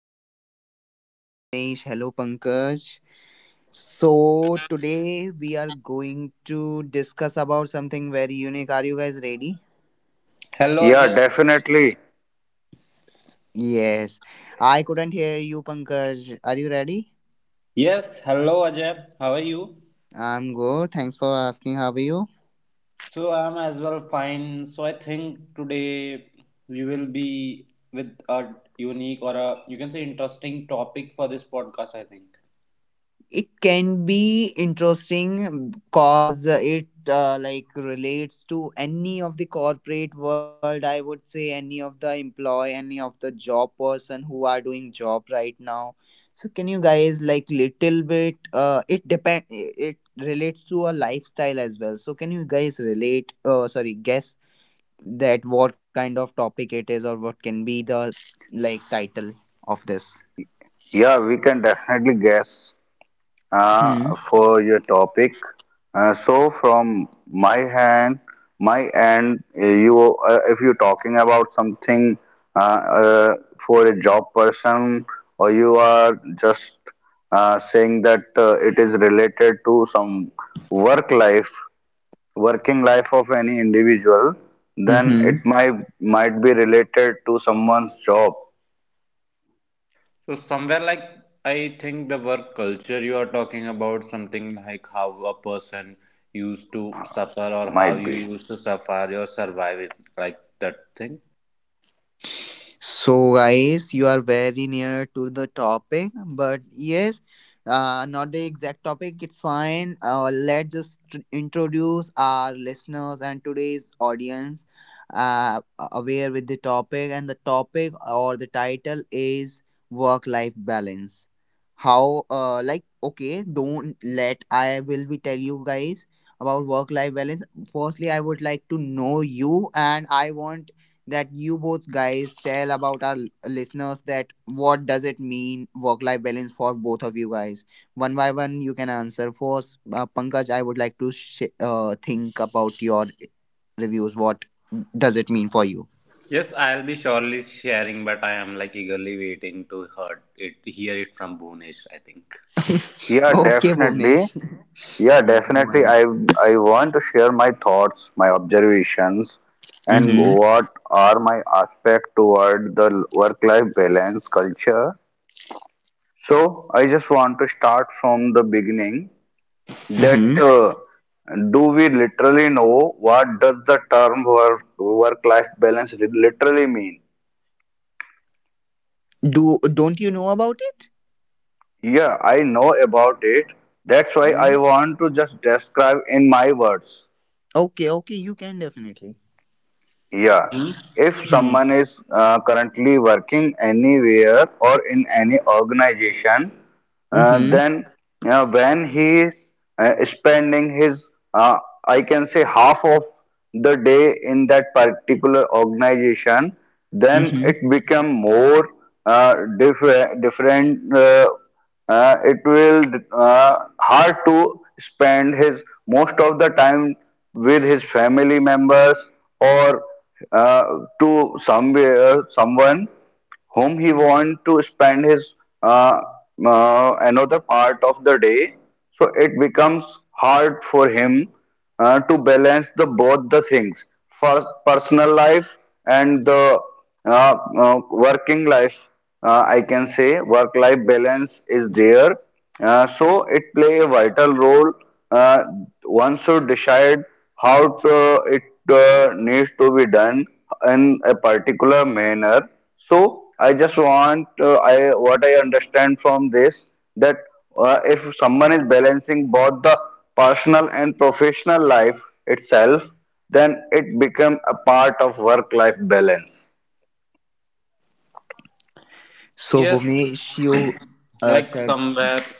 guys. Hello, Bhuvnesh. Hello, Pankaj. So, today we are going to discuss about something very unique. Are you guys ready? Hello Yeah, Ajay. definitely. Yes. I couldn't hear you, Pankaj. Are you ready? Yes, hello Ajay. How are you? I'm good. Thanks for asking. How are you? So I'm as well fine. So I think today we will be with a unique or a you can say interesting topic for this podcast, I think. It can be interesting because it like relates to any of the corporate world. I would say any of the employee, any of the job person who are doing job right now. So can you guys like little bit, it depend, it relates to a lifestyle as well. So can you guys relate, sorry guess, that what kind of topic it is, or what can be the like title of this? Yeah, we can definitely guess uh, hmm for your topic. So from my hand, my end, you if you're talking about something uh, uh, for a job person, or you are just saying that it is related to some work life, working life of any individual, then it might be related to someone's job, So somewhere like I think the work culture you are talking about, something like how a person used to suffer or how might you be. used to suffer or survive it, like that thing. So, guys, you are very near to the topic, but yes, not the exact topic, it's fine. Let's just introduce our listeners and today's audience uh, aware with the topic, and the topic or the title is work life balance. How, like, okay, don't let I will be tell you guys about work life balance. Firstly, I would like to know you, and I want that you both guys tell about our listeners that what does it mean work life balance for both of you guys. One by one you can answer. First Pankaj, I would like to think about your reviews, what does it mean for you? Yes, I'll be surely sharing, but I am like eagerly waiting to hear it from Bhunesh, I think. Yeah, Okay, definitely. Bhuvnesh. Yeah, Mm, go definitely. ahead. I want to share my thoughts, my observations, and Mm-hmm. what are my aspect toward the work-life balance culture. So I just want to start from the beginning. That Mm-hmm. Do we literally know what does the term work-life balance literally mean? do Don't you know about it? Yeah, I know about it. That's why I Then want to just describe in my words. okay, okay, you can definitely. Yeah, Hmm. if someone Mm-hmm. is currently working anywhere or in any organization, then when he is spending his uh, I can say half of the day in that particular organization, then it Mm-hmm. become more diff- different it will uh, hard to spend his most of the time with his family members, or uh, to somewhere someone whom he want to spend his uh, another part of the day. So it becomes hard for him to balance the both the things, first personal life and the uh, working life. I can say work life balance is there. So it play a vital role. uh, One should decide how to, it needs to be done in a particular manner. So I just want I what I understand from this, that if someone is balancing both the personal and professional life itself, then it become a part of work-life balance. So So yes, Bhuvnesh, you like said. somewhere,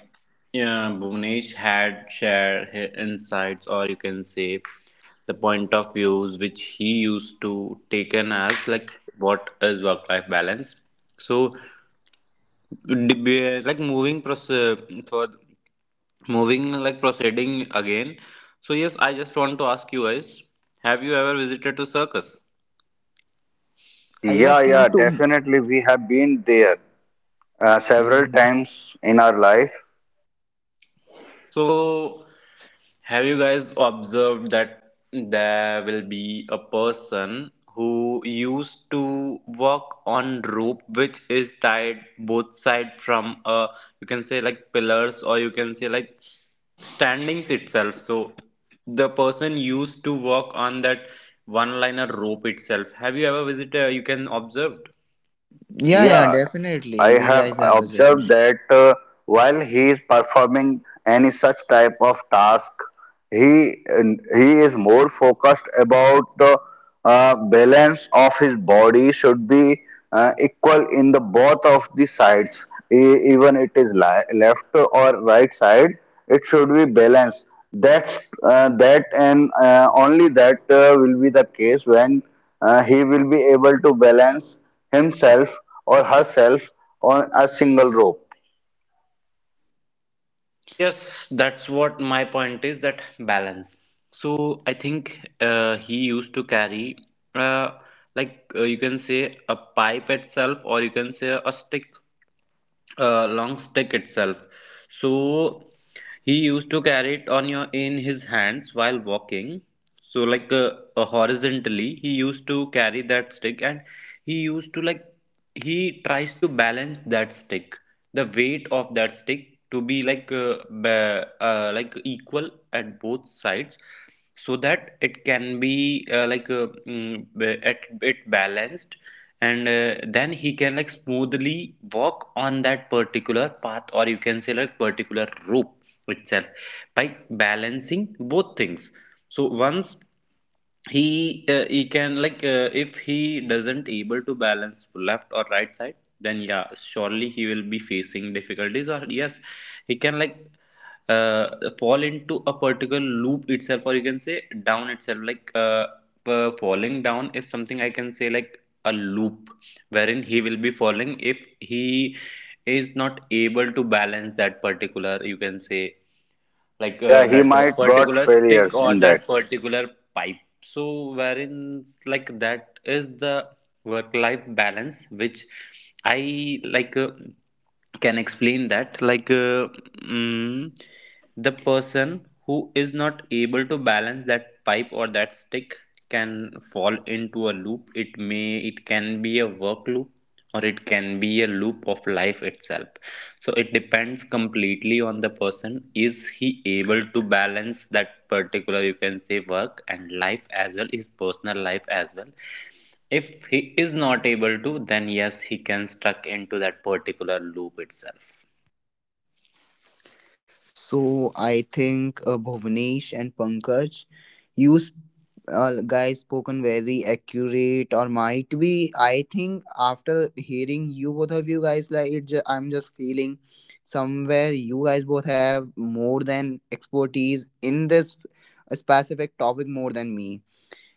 yeah, Bhunesh had shared his insights, or you can say the point of views which he used to taken as like what is work life balance. So, like moving process for moving, like proceeding again. So yes, I just want to ask you guys, have you ever visited to circus? Are you Yeah, asking yeah, to? Definitely we have been there several Mm, times in our life. So have you guys observed that there will be a person who used to walk on rope which is tied both side from you can say like pillars or you can say like standings itself. So the person used to walk on that one liner rope itself. Have you ever visited? You can observed. yeah, yeah, Yeah, definitely. I We have guys have observed visitors. that while he is performing any such type of task, he he is more focused about the balance of his body should be equal in the both of the sides. Even it is left or right side, it should be balanced. That's that and Only that will be the case when he will be able to balance himself or herself on a single rope. So yes, that's what my point is, that balance. So I think he used to carry uh, you can say a pipe itself or you can say a stick, long stick itself. So he used to carry it on your in his hands while walking. So like horizontally, he used to carry that stick, and he used to like he tries to balance that stick, the weight of that stick to be like like equal at both sides so that it can be it balanced, and then he can like smoothly walk on that particular path or you can say like particular rope itself by balancing both things. So once he can like if he doesn't able to balance left or right side, then yeah, surely he will be facing difficulties, or yes, he can like fall into a particular loop itself or you can say down itself, like falling down is something I can say like a loop wherein he will be falling if he is not able to balance that particular, you can say, like Yeah, he that might got particular stick failures or in that. that particular pipe. So wherein like that is the work life balance which I like can explain that like mm, the person who is not able to balance that pipe or that stick can fall into a loop. It may, it can be a work loop or it can be a loop of life itself. So it depends completely on the person, is he able to balance that particular, you can say, work and life as well, his personal life as well. If he is not able to, then yes, he can stuck into that particular loop itself. So I think, Bhuvanesh and Pankaj, you sp- guys spoken very accurate, or might be. I think after hearing you, both of you guys, like it, I'm just feeling somewhere you guys both have more than expertise in this specific topic more than me.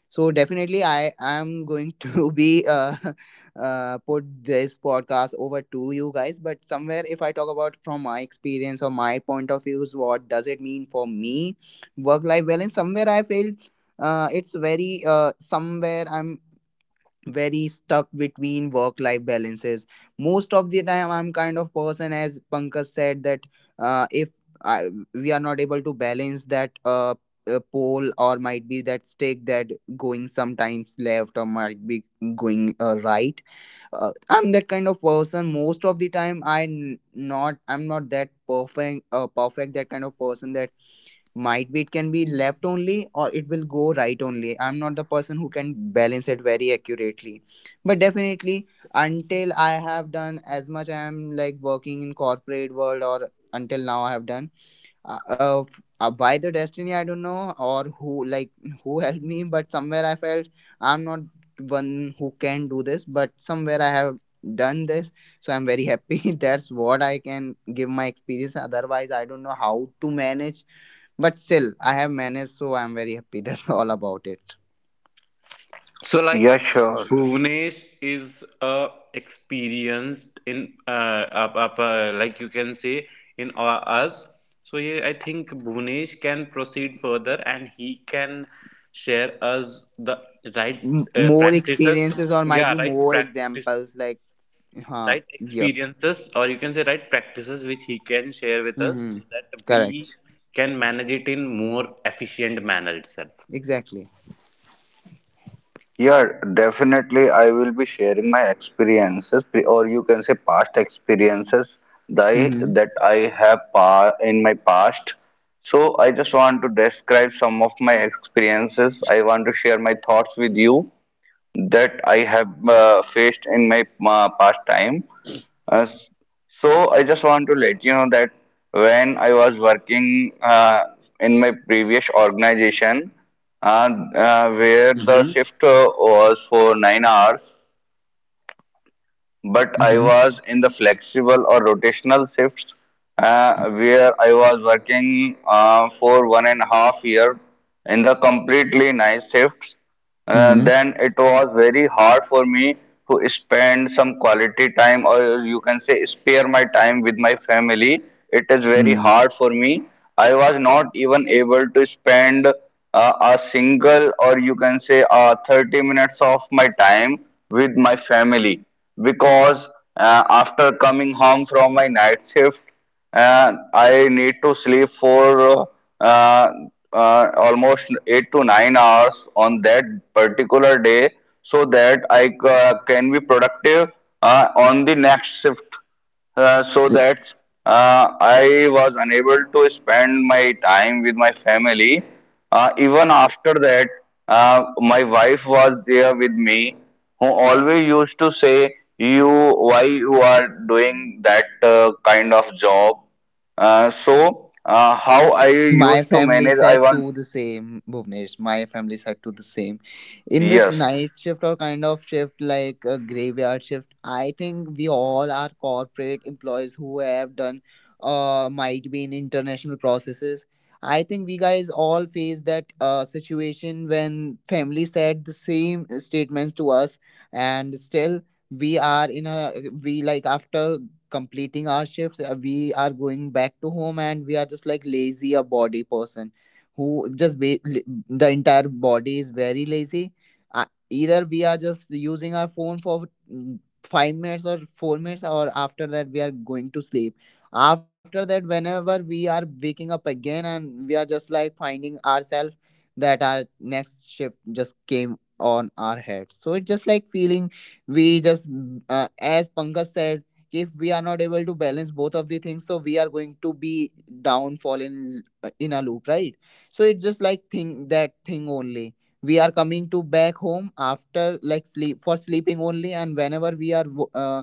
So definitely, I am going to be put this podcast over to you guys. But somewhere, if I talk about from my experience or my point of views, what does it mean for me, work life balance? Somewhere I feel it's very, somewhere I'm very stuck between work life balances most of the time. I'm kind of person, as Pankaj said, that if I, we are not able to balance that, pole or might be that stick that going sometimes left or might be going right, I'm that kind of person most of the time. Not, I'm not that perfect, that kind of person that might be it can be left only, or it will go right only. I'm not the person who can balance it very accurately, but definitely, until I have done as much, I am like working in corporate world, or until now I have done, by the destiny, I don't know, or who like who helped me, but somewhere I felt I'm not one who can do this, but somewhere I have done this. So I'm very happy that's what I can give my experience, otherwise I don't know how to manage. But still, I have managed, so I'm very happy. That's all about it. So like Yeah, sure. Bhuvanesh is experienced in like you can say in us. So yeah, I think Bhuvanesh can proceed further and he can share us the right More practices. experiences or might Yeah, be right more practices, examples like, huh, right yep. experiences, or you can say right practices which he can share with us Mm-hmm. so that we Correct. can manage it in more efficient manner itself. Exactly. Yeah, definitely. I will be sharing my experiences, or you can say past experiences that I, Mm-hmm. that I have in my past. So I just want to describe some of my experiences. I want to share my thoughts with you that I have faced in my past time. Uh, s- so I just want to let you know that when I was working in my previous organization, where the Mhm. shift was for 9 hours, but I Mm-hmm. was in the flexible or rotational shifts, where I was working for 1.5 year in the completely night shifts. Mm-hmm. Then it was very hard for me to spend some quality time, or you can say spare my time with my family. It is very Mm-hmm. hard for me. I was not even able to spend a single, or you can say 30 minutes of my time with my family, because after coming home from my night shift, and I need to sleep for uh, almost 8 to 9 hours on that particular day, so that I can be productive on the next shift. Uh, Yeah. so that I was unable to spend my time with my family. Even after that, my wife was there with me, who always used to say, "You, why you are doing that kind of job?" How I My used to family manage, I said want, to the same, Bhuvnesh. My family said to the same. In this yes. night shift or kind of shift like a graveyard shift, I think we all are corporate employees who have done might be in international processes. I think we guys all face that situation when family said the same statements to us, and still we are in a, we like after completing our shifts, we are going back to home, and we are just like lazy a body person who just the entire body is very lazy. Either we are just using our phone for mm, 5 minutes or 4 minutes, or after that we are going to sleep. After that, whenever we are waking up again and we are just like finding ourselves that our next shift just came on our head, so it's just like feeling. We just, as Pankaj said, if we are not able to balance both of the things, so we are going to be downfall in a loop, right? So it's just like thing, that thing only. We are coming to back home after like sleep for sleeping only, and whenever we are wo- uh,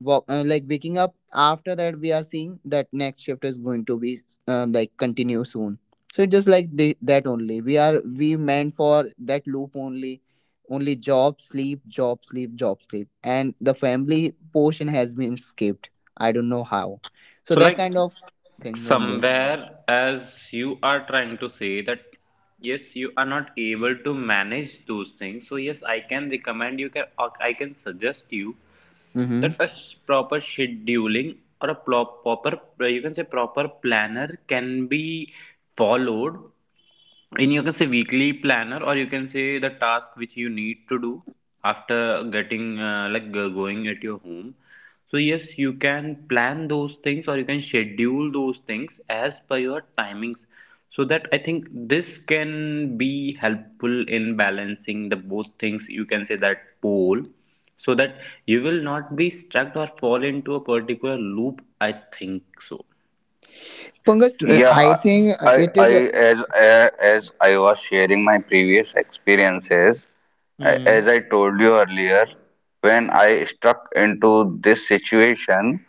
wa- uh, like waking up, after that we are seeing that next shift is going to be like continue soon. So it's just like that only, we are we meant for that loop only. Only job, sleep, job, sleep, job, sleep, and the family portion has been skipped. I don't know how. So So, that like kind of thing only. somewhere, as you are trying to say that yes, you are not able to manage those things. So, yes, I can recommend you can or I can suggest you Mm-hmm. that a proper scheduling or a proper you can say proper planner can be followed in you can say weekly planner or you can say the task which you need to do after getting going at your home. So yes, you can plan those things or you can schedule those things as per your timings, so that I think this can be helpful in balancing the both things, you can say that pole, so that you will not be stuck or fall into a particular loop, I think so. Pankaj, I Yeah, think I, it I is a as a- as I was sharing my previous experiences, as I mm-hmm. told you earlier, when I stuck into this situation,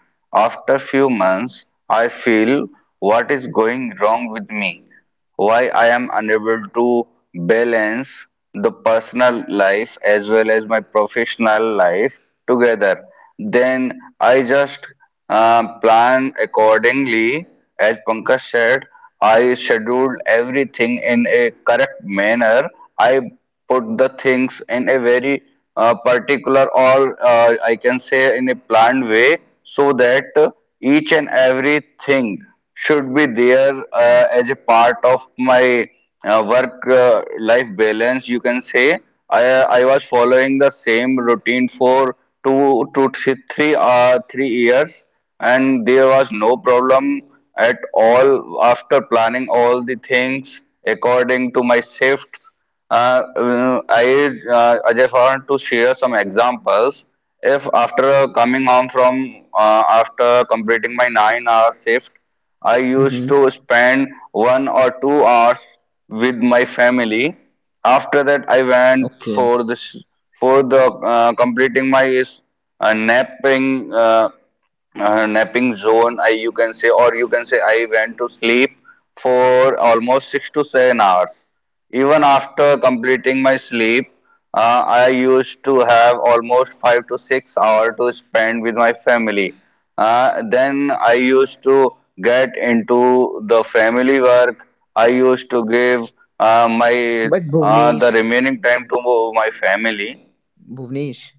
after few months, I feel what is going wrong with me, why I am unable to balance the personal life as well as my professional life together. Then I just plan accordingly. As Pankaj said, I scheduled everything in a correct manner. I put the things in a very particular, or I can say in a planned way, so that each and everything should be there as a part of my work life balance, you can say. I i was following the same routine for two to th- three 3 years, and there was no problem at all after planning all the things according to my shifts. I just want to share some examples. If after coming home from after completing my 9 hour shift, I used to spend 1 or 2 hours with my family. After that, I went Okay. for this for the completing my napping uh, napping zone. I You can say, or you can say I went to sleep for almost 6 to 7 hours. Even after completing my sleep, I used to have almost 5 to 6 hours to spend with my family. Then I used to get into the family work. I used to give my but bhuvnesh the remaining time to my family. Bhuvnesh,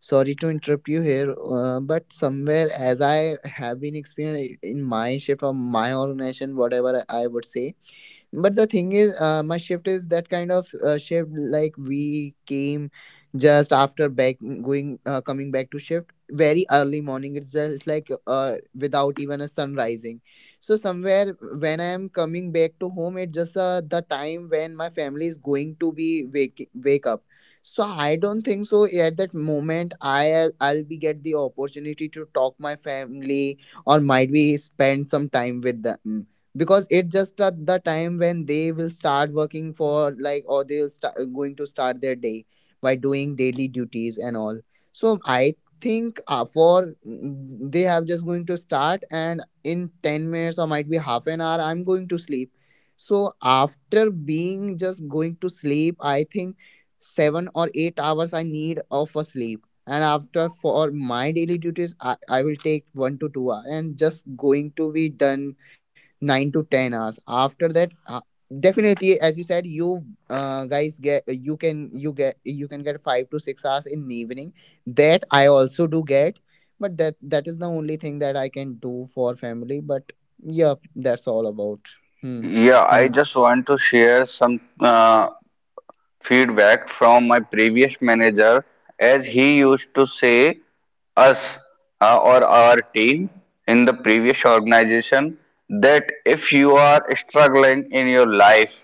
sorry to interrupt you here, but somewhere as I have been experienced in my shift or my organization, whatever I would say, but the thing is, my shift is that kind of shift. Like we came just after back going, coming back to shift very early morning. It's just like without even a sun rising. So somewhere when I am coming back to home, it's just the time when my family is going to be wake up. So I don't think so. At that moment, I'll be get the opportunity to talk my family or might be spend some time with them, because it just at the time when they will start working for like, or they'll start going to start their day by doing daily duties and all. So I think, for mm, they have just going to start, and in 10 minutes or might be half an hour I'm going to sleep. So after being just going to sleep, I think 7 or 8 hours I need of a sleep, and after for my daily duties, I will take 1 to 2 hours, and just going to be done 9 to 10 hours. After that, definitely as you said, you guys get, you can, you get, you can get 5 to 6 hours in the evening. That I also do get, but that, that is the only thing that I can do for family, but yeah, that's all about. Hmm. Yeah, I some just want to share some feedback from my previous manager, as he used to say us or our team in the previous organization, that if you are struggling in your life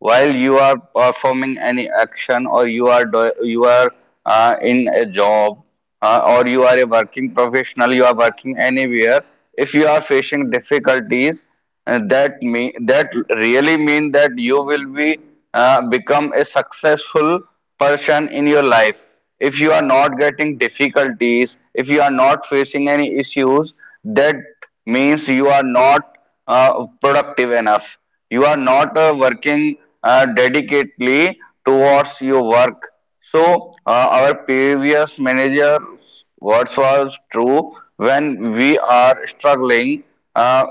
while you are performing any action, or you are in a job, or you are a working professional, you are working anywhere, if you are facing difficulties, that really mean that you will be become a successful person in your life. If you are not getting difficulties, if you are not facing any issues, that means you are not productive enough. You are not working dedicatedly towards your work. So, our previous manager words was true when we are struggling uh,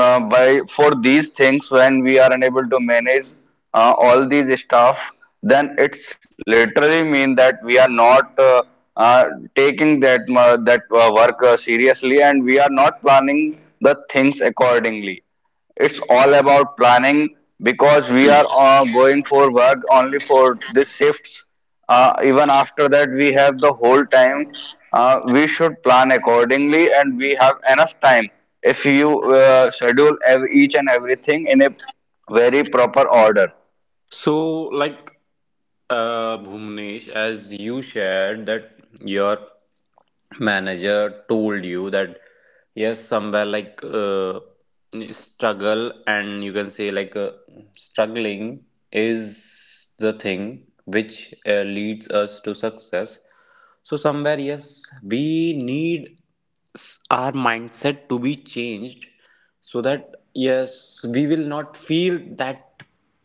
by for these things, when we are unable to manage all these stuff, then it's literally mean that we are not uh, taking that work seriously, and we are not planning the things accordingly. It's all about planning, because we are going for work only for these shifts. Even after that, we have the whole time. We should plan accordingly, and we have enough time. If you schedule each and everything in a very proper order. So, like Bhumnesh, as you shared that your manager told you that yes, somewhere like struggle and you can say like struggling is the thing which leads us to success. So somewhere yes, we need our mindset to be changed so that yes we will not feel that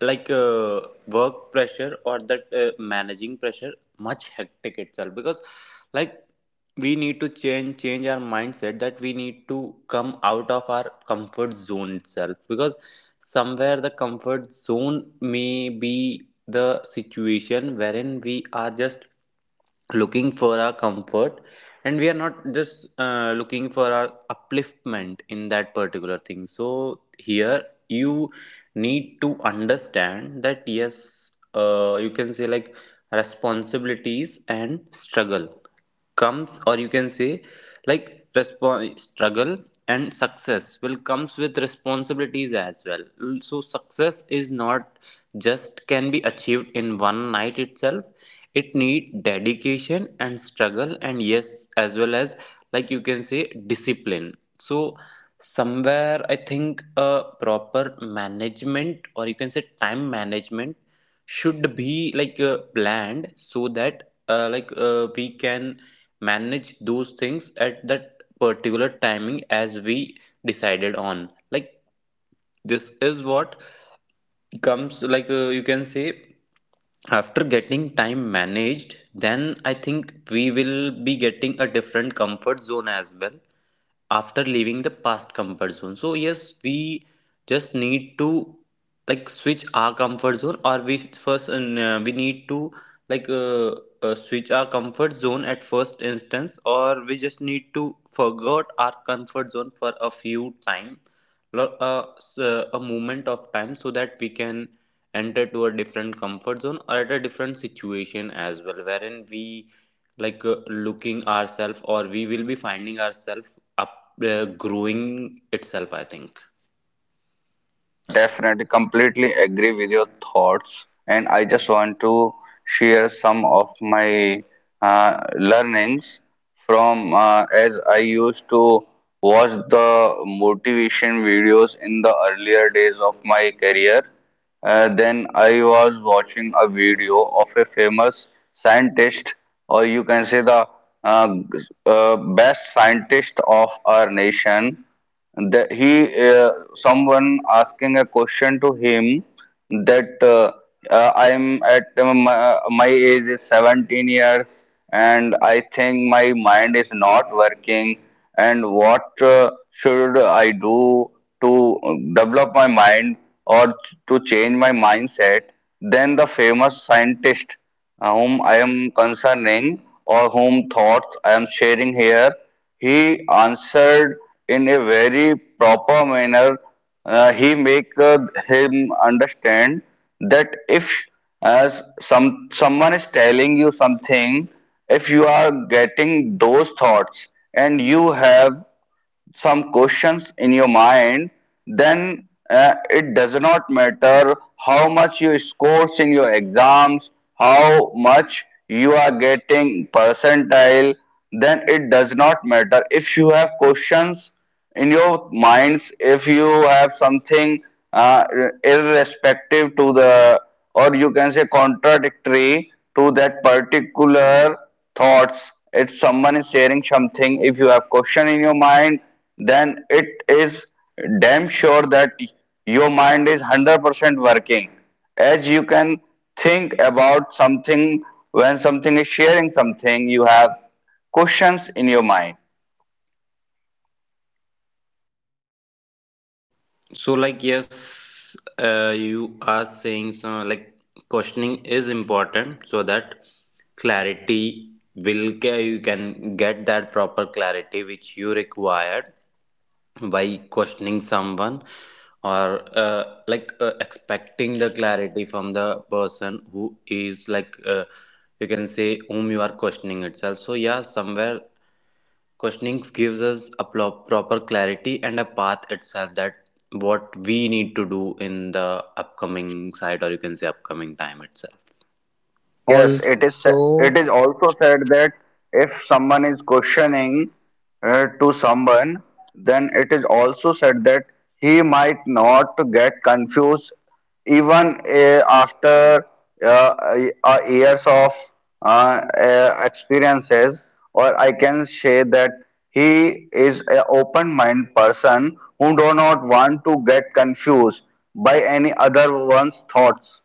like work pressure or that managing pressure much hectic itself, because like we need to change our mindset, that we need to come out of our comfort zone itself. Because somewhere the comfort zone may be the situation wherein we are just looking for our comfort, and we are not just looking for our upliftment in that particular thing. So here you need to understand that yes, you can say like responsibilities and struggle comes, or you can say like struggle and success will comes with responsibilities as well. So success is not just can be achieved in one night itself. It need dedication and struggle and yes, as well as like you can say discipline. So somewhere I think a proper management or you can say time management should be like planned so that we can manage those things at that particular timing as we decided on, like this is what comes like you can say, after getting time managed, then I think we will be getting a different comfort zone as well after leaving the past comfort zone. So yes, we just need to like switch our comfort zone, or we first we need to like switch our comfort zone at first instance, or we just need to forget our comfort zone for a few time, a moment of time, so that we can enter to a different comfort zone or at a different situation as well wherein we like looking ourselves or we will be finding ourselves up growing itself, I think. Yeah, definitely. Completely agree with your thoughts. And I just want to share some of my learnings from as I used to watch the motivation videos in the earlier days of my career. Then I was watching a video of a famous scientist, or you can say the uh, g- best scientist of our nation, that he uh, someone asking a question to him, that I'm at my age is 17 years, and I think my mind is not working, and what should I do to develop my mind, or to change my mindset. Then the famous scientist, whom I am concerning, or whom thoughts I am sharing here, he answered in a very proper manner. He make him understand that if as some someone is telling you something, if you are getting those thoughts, and you have some questions in your mind, then it does not matter how much you score in your exams, how much you are getting percentile, then it does not matter. If you have questions in your minds, if you have something uh, irrespective to the, or you can say contradictory to that particular thoughts, if someone is sharing something, if you have question in your mind, then it is damn sure that your mind is 100% working, as you can think about something when something is sharing something, you have questions in your mind. So like yes, you are saying, so like questioning is important so that clarity will you can get that proper clarity which you required by questioning someone, or expecting the clarity from the person who is like you can say whom you are questioning itself. So yeah, somewhere questioning gives us a proper clarity and a path itself, that what we need to do in the upcoming site or you can say upcoming time itself. Yes, it is. Also, It is also said that if someone is questioning to someone, then it is also said that he might not get confused even after uh, years of experiences. Or I can say that he is an open-minded person who do not want to get confused by any other one's thoughts.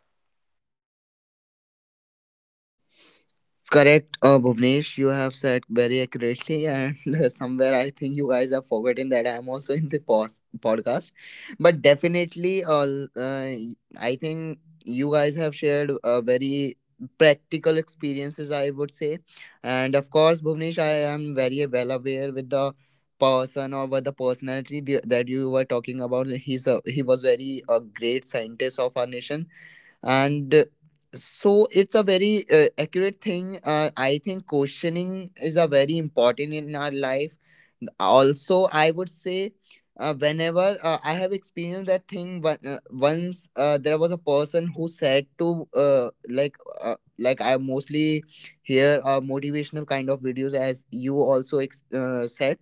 correct, Bhuvnesh. You have said very accurately, and somewhere I think you guys have forgotten that I am also in the podcast. But definitely, I think you guys have shared very practical experiences, I would say. And of course, Bhuvnesh, I am very well aware with the person or with the personality that you were talking about. He was very a great scientist of our nation. And so it's a very accurate thing. I think questioning is a very important in our life. Also I would say, whenever I have experienced that thing, but once there was a person who said to, like I mostly hear motivational kind of videos, as you also said.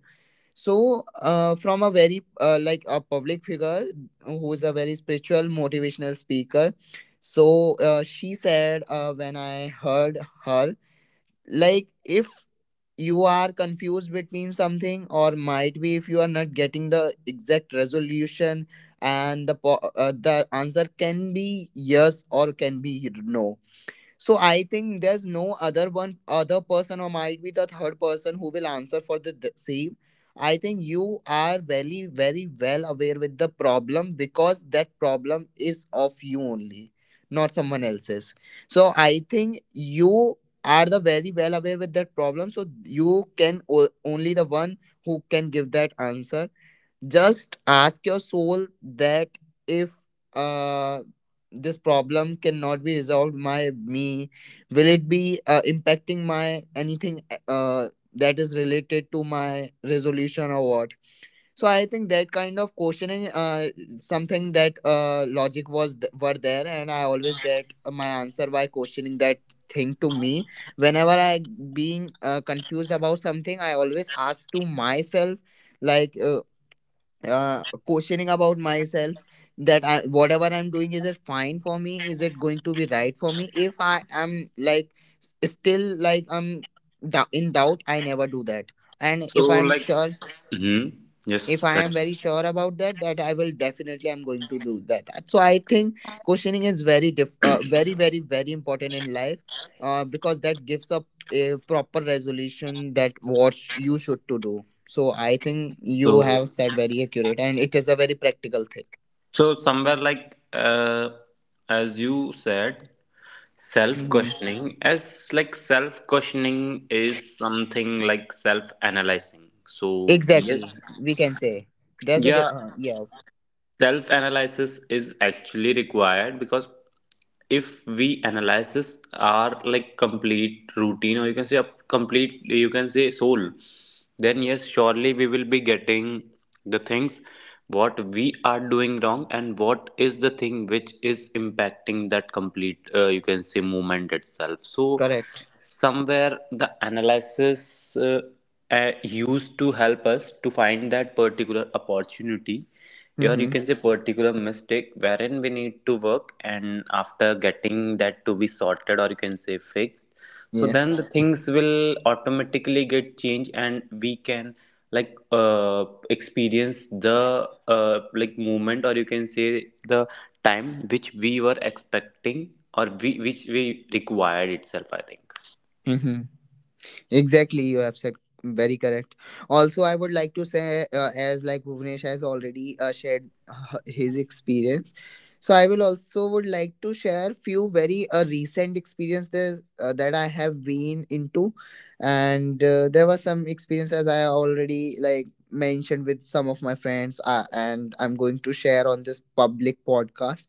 So from a very like a public figure who is a very spiritual motivational speaker, so she said, when I heard her, like if you are confused between something or might be if you are not getting the exact resolution, and the the answer can be yes or can be no, so I think there's no other one other person or might be the third person who will answer for the same. I think you are very very well aware with the problem, because that problem is of you only, not someone else's. So I think you are the very well aware with that problem. So you can only the one who can give that answer. Just ask your soul that if uh this problem cannot be resolved by me, will it be impacting my anything uh that is related to my resolution or what. So I think that kind of questioning, something that logic was were there, and I always get my answer by questioning that thing to me. Whenever I being confused about something, I always ask to myself, like uh, questioning about myself that whatever I'm doing, is it fine for me? Is it going to be right for me? If I am like still like I'm in doubt, I never do that. And So, if I'm like, sure hmm. if Yes, I am correct. very sure about that that I will definitely I'm going to do that. So I think questioning is very diff- very very very important in life, because that gives up a proper resolution that you should to do. So I think you So, have said very accurate, and it is a very practical thing. so somewhere like as you said, Hmm. self-questioning as like self-questioning is something like self-analyzing. So yes, Exactly, we can say, yeah, yeah. self analysis is actually required, because if we analysis are like complete routine or you can say a complete you can say soul, then yes surely we will be getting the things what we are doing wrong and what is the thing which is impacting that complete you can say movement itself. So Correct. somewhere the analysis used to help us to find that particular opportunity or you Hmm. can say particular mistake wherein we need to work, and after getting that to be sorted or you can say fixed, so Yes. then the things will automatically get changed and we can like experience the like movement or you can say the time which we were expecting or we, which we required itself, I think. Hmm. Exactly, you have said very correct. Also, I would like to say, as like Bhuvnesh has already shared his experience, so I will also would like to share few very recent experiences that I have been into, and there was some experience, as I already like mentioned, with some of my friends, and I'm going to share on this public podcast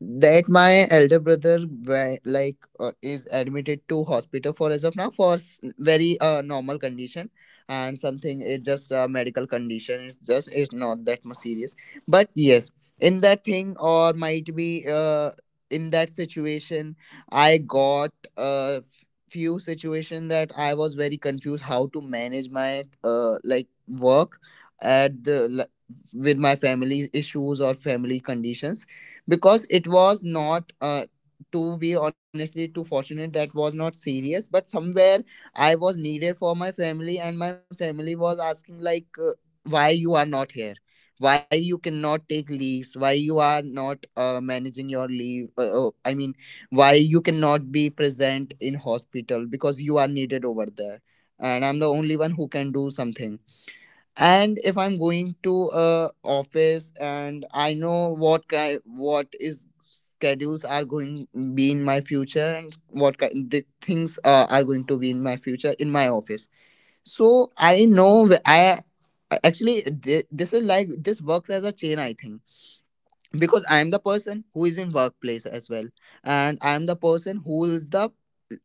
that my elder brother is admitted to hospital for, as of now, for very normal condition. And something, it's just a medical condition, it's just, it's not that much serious, but yes, in that thing, or might be in that situation, I got a few situation that I was very confused how to manage my like work at the l- with my family issues or family conditions, because it was not, to be honestly, too fortunate, that was not serious, but somewhere I was needed for my family, and my family was asking, like, why you are not here, why you cannot take leaves, why you are not managing your leave, oh, I mean, why you cannot be present in hospital because you are needed over there. And I'm the only one who can do something. And if I'm going to a office, and I know what kind, what is schedules are going be in my future, and what kind the things are going to be in my future in my office. So I know this is like this works as a chain, I think, because I am the person who is in workplace as well, and I am the person who is the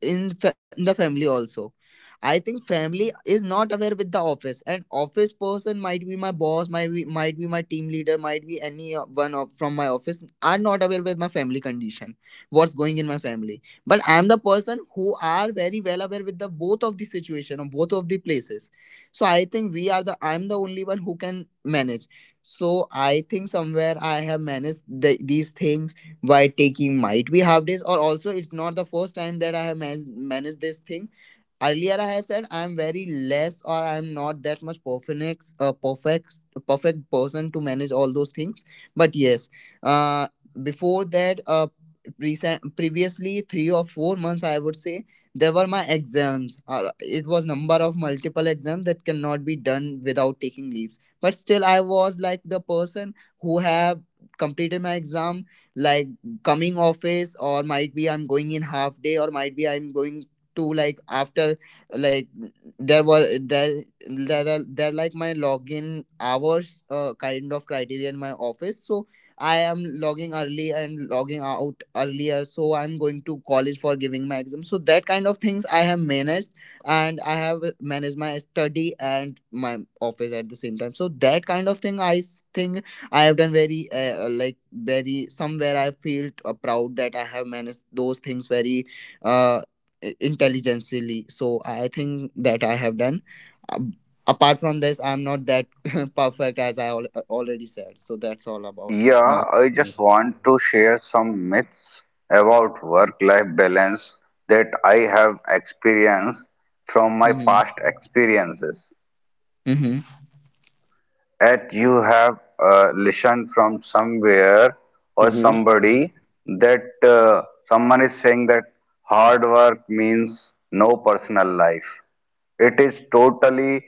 in, in the family also. I think family is not aware with the office, and office person, might be my boss, might be my team leader, might be any one of, from my office, are not aware with my family condition, what's going in my family. But I am the person who are very well aware with the both of the situation of both of the places. So I think we are the I'm the only one who can manage. So I think somewhere I have managed the, these things by taking, might be, half days. Or also, it's not the first time that I have managed this thing. Earlier I have said I am very less, or I am not that much perfect person to manage all those things. But yes, uh, before that, recent previously 3 or 4 months I would say, there were my exams. It was number of multiple exams that cannot be done without taking leaves. But still I was like the person who have completed my exam, like coming office, or might be I'm going in half day, or might be I'm going to, like, after, like, there was there there are there like my login hours kind of criteria in my office. So I am logging early and logging out earlier, so I'm going to college for giving my exam. So that kind of things I have managed, and I have managed my study and my office at the same time. So that kind of thing I think I have done very, like very, somewhere I feel proud that I have managed those things very uh, intelligently. So I think that I have done. Um, Apart from this, I'm not that perfect, as I already said. So that's all about my. Yeah, I Mm-hmm. just want to share some myths about work-life balance that I have experienced from my past experiences. Mm-hmm. That you have listened from somewhere or Mm-hmm. somebody, that someone is saying that hard work means no personal life. It is totally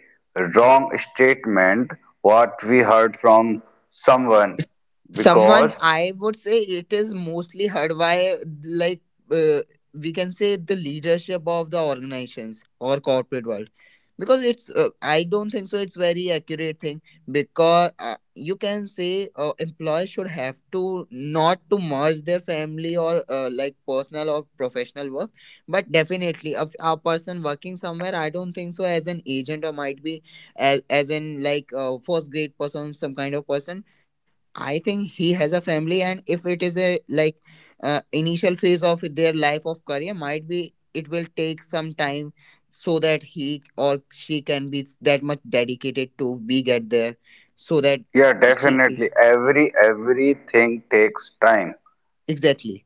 wrong statement what we heard from someone, s- Someone, because. I would say, it is mostly heard by, like, uh, we can say, the leadership of the organizations or corporate world, because it's, I don't think so it's very accurate thing. Because, you can say, employees should have to not to merge their family, or like personal or professional work. But definitely, a person working somewhere, I don't think so, as an agent, or might be as in like a first grade person, some kind of person. I think he has a family, and if it is a like initial phase of their life of career, might be it will take some time, so that he or she can be that much dedicated to be get there, so that Yeah, she, definitely. Everything takes time. exactly,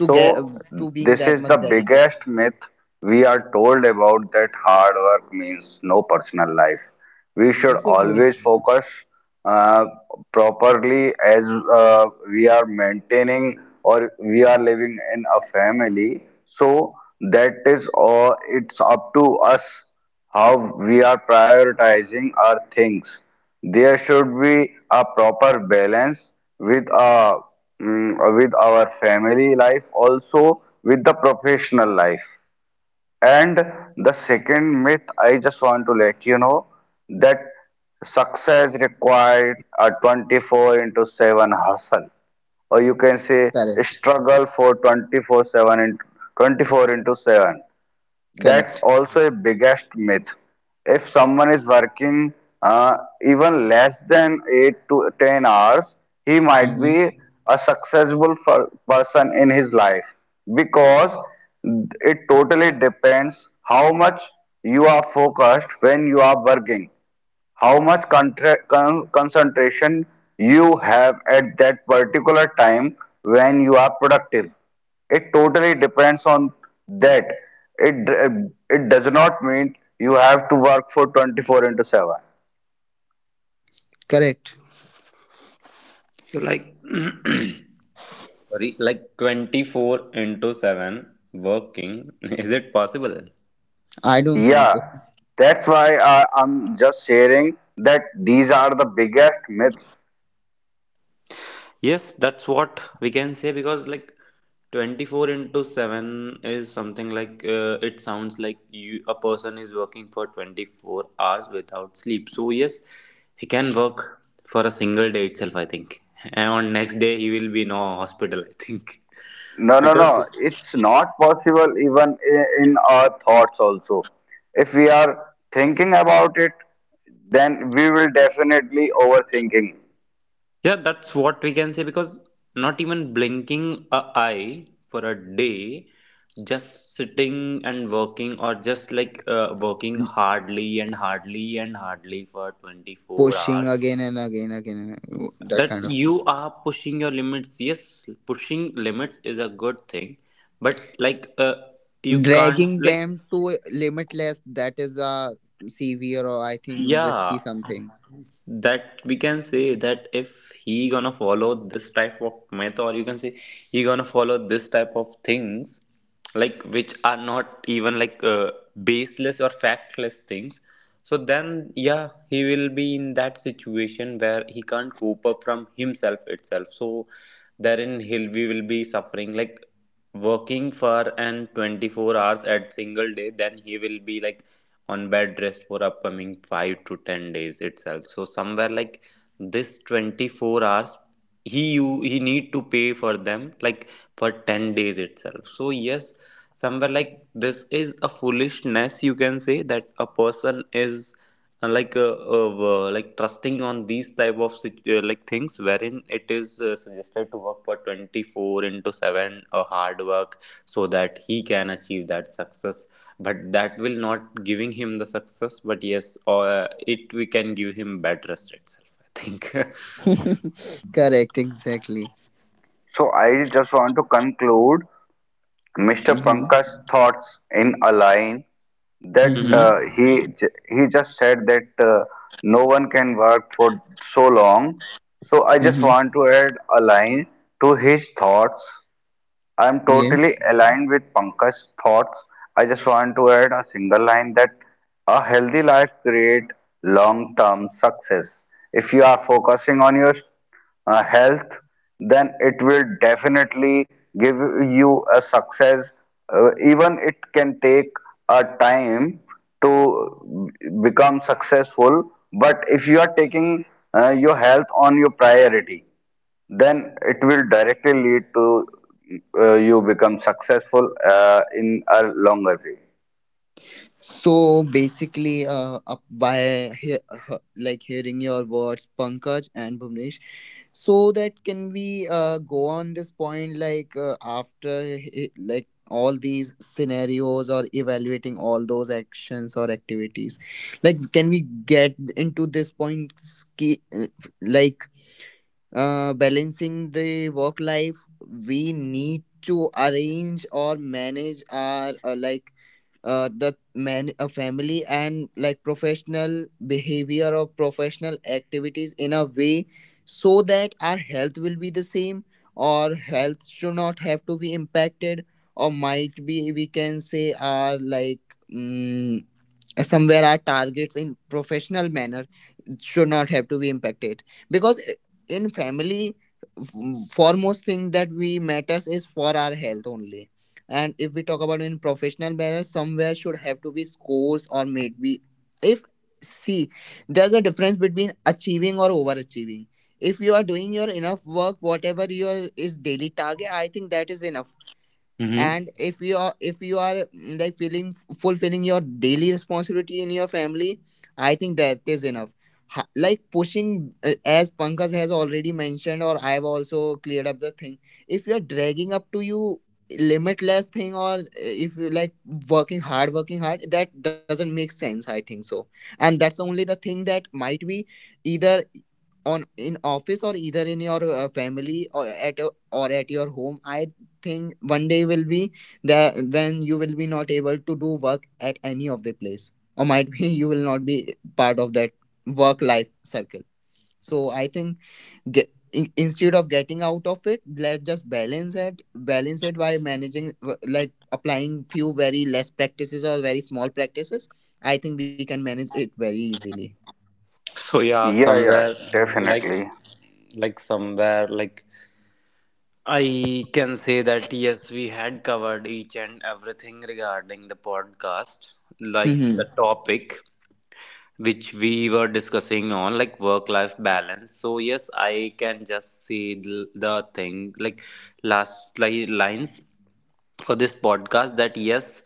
to get So to being this that is the much dedicated. biggest myth we are told about that hard work means no personal life. We should Exactly. always focus uh, properly, as we are maintaining, or we are living in a family. So that is all. It's up to us how we are prioritizing our things. There should be a proper balance with our family life, also with the professional life. And the second myth I just want to let you know, that success required a 24 into 7 hustle, or you can say Correct, struggle for 24 into 7, that's correct, also a biggest myth. If someone is working uh, even less than 8 to 10 hours, he might hmm, be a successful person in his life, because it totally depends how much you are focused when you are working, how much concentration you have at that particular time when you are productive. It totally depends on that. It it does not mean you have to work for 24 into 7. correct. So like sorry, like 24 into 7 working is it possible? I don't think Yeah, so. that's why I'm just sharing that these are the biggest myths. Yes, that's what we can say because like 24 into 7 is something like it sounds like you a person is working for 24 hours without sleep. So yes, he can work for a single day itself, I think. And on next day he will be in a hospital, I think. No, no, no, Because it's not possible even in our thoughts also. If we are thinking about it, then we will definitely overthinking. yeah, that's what we can say because not even blinking a eye for a day, just sitting and working or just like working Mm. hardly and hardly and hardly for 24 Pushing hours, again, and again, that that kind of. you are pushing your limits. Yes, pushing limits is a good thing, but like you can't Dragging like. them to limitless, that is a severe or, I think, risky Yeah, something. that we can say that if he gonna follow this type of method, or you can say he gonna follow this type of things, like which are not even like baseless or factless things. So then yeah, he will be in that situation where he can't cope up from himself itself. So therein he'll we will be suffering like working for an 24 hours at single day, then he will be like on bed rest for upcoming 5 to 10 days itself. So somewhere like this 24 hours he you he need to pay for them like for 10 days itself. So yes, somewhere like this is a foolishness, you can say, that a person is and like like trusting on these type of like things wherein it is suggested to work for 24 into 7 hard work so that he can achieve that success, but that will not giving him the success, but yes, or it we can give him bad rest itself, I think. Correct, exactly. So I just want to conclude Mr. Mm-hmm. Pankaj's thoughts in a line, that Mm-hmm. Hmm. he just said that no one can work for so long. So I just Mm-hmm. want to add a line to his thoughts. I'm Yeah. totally aligned with Pankaj's thoughts. I just want to add a single line that a healthy life creates long-term success. If you are focusing on your health, then it will definitely give you a success. Even it can take a time to become successful, but if you are taking your health on your priority, then it will directly lead to you become successful in a longer way. So basically, like hearing your words, Pankaj and Bhuvnesh, so that, can we go on this point, like, like all these scenarios or evaluating all those actions or activities, like can we get into this point, like balancing the work life? We need to arrange or manage our like the man a family and like professional behavior or professional activities in a way, so that our health will be the same, or health should not have to be impacted, or might be we can say our like, mm, somewhere our targets in professional manner should not have to be impacted, because in family, f- foremost thing that we matters is for our health only. And if we talk about in professional manner, somewhere should have to be scores, or maybe, if, see, there's a difference between achieving or overachieving. If you are doing your enough work, whatever your is daily target, I think that is enough. Hmm. And if you are, mm, like feeling fulfilling your daily responsibility in your family, I think that is enough. Like pushing, as Pankaj has already mentioned, or I've also cleared up the thing, if you're dragging up to you limitless thing, or if you like working hard, that doesn't make sense, I think so. And that's only the thing, that might be either on in office, or either in your family, or at a, or at your home, I thing one day will be that when you will be not able to do work at any of the place, or might be you will not be part of that work life circle. So I think, get, in, instead of getting out of it, let's just balance it, balance it, by managing like applying few very less practices or very small practices. I think we can manage it very easily. So yeah, Yeah, yeah, somewhere like definitely. like somewhere like I can say that yes, we had covered each and everything regarding the podcast, like the Mm-hmm. topic which we were discussing on, like work life balance. So, yes, I can just say the thing, like last lines for this podcast, that yes,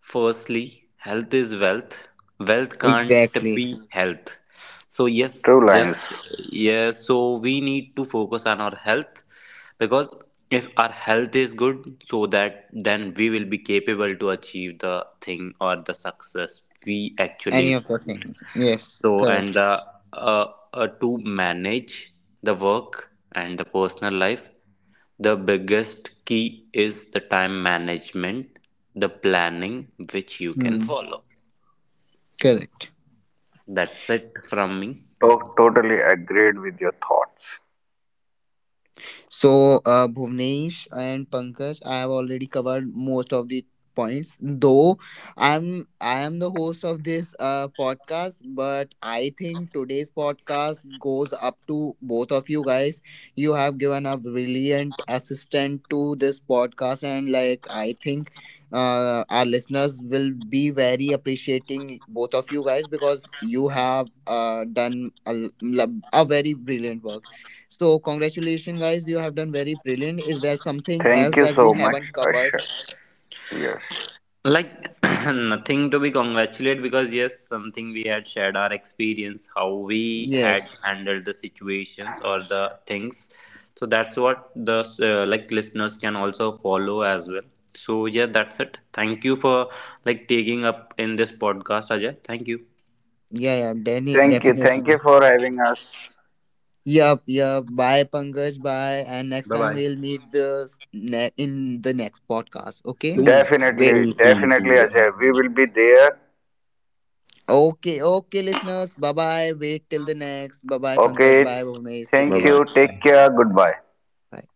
firstly, health is wealth. Wealth can't Exactly. be health. So yes, True lines. just yeah, so we need to focus on our health because if our health is good, so that then we will be capable to achieve the thing or the success we Any actually of the want. thing, yes, So and correct. the uh, to manage the work and the personal life, the biggest key is the time management, the planning which you can Hmm. follow. Correct. That's it from me. Totally agreed with your thoughts. So, Bhuvnesh and Pankaj, I have already covered most of the points. Though I am the host of this podcast, but I think today's podcast goes up to both of you guys. You have given a brilliant assistant to this podcast, and like I think. Our listeners will be very appreciating both of you guys because you have done a, a very brilliant work. So, congratulations, guys. You have done very brilliant. Is there something Thank else you that we so much, haven't covered? Asha. Yes. Like nothing to be congratulated, because yes, something we had shared our experience, how we had Yes. handled the situations or the things. So that's what the like listeners can also follow as well. So yeah, that's it. Thank you for like taking up in this podcast, Ajay. Thank you. Yeah, yeah, Thank you. Thank you definitely. for having us. Yup, yup. Bye, Pankaj. Bye. And next Bye time bye. we'll meet the in the next podcast. Okay. Soon, Wait. Definitely, soon, soon, soon. definitely, Ajay. We will be there. Okay, okay, listeners. Bye bye. Wait till the next. Bye bye, Pankaj. Bye, Okay. Bhuvnesh. Take Bye Thank care. you. bye. Bye. Take care. Goodbye. Bye.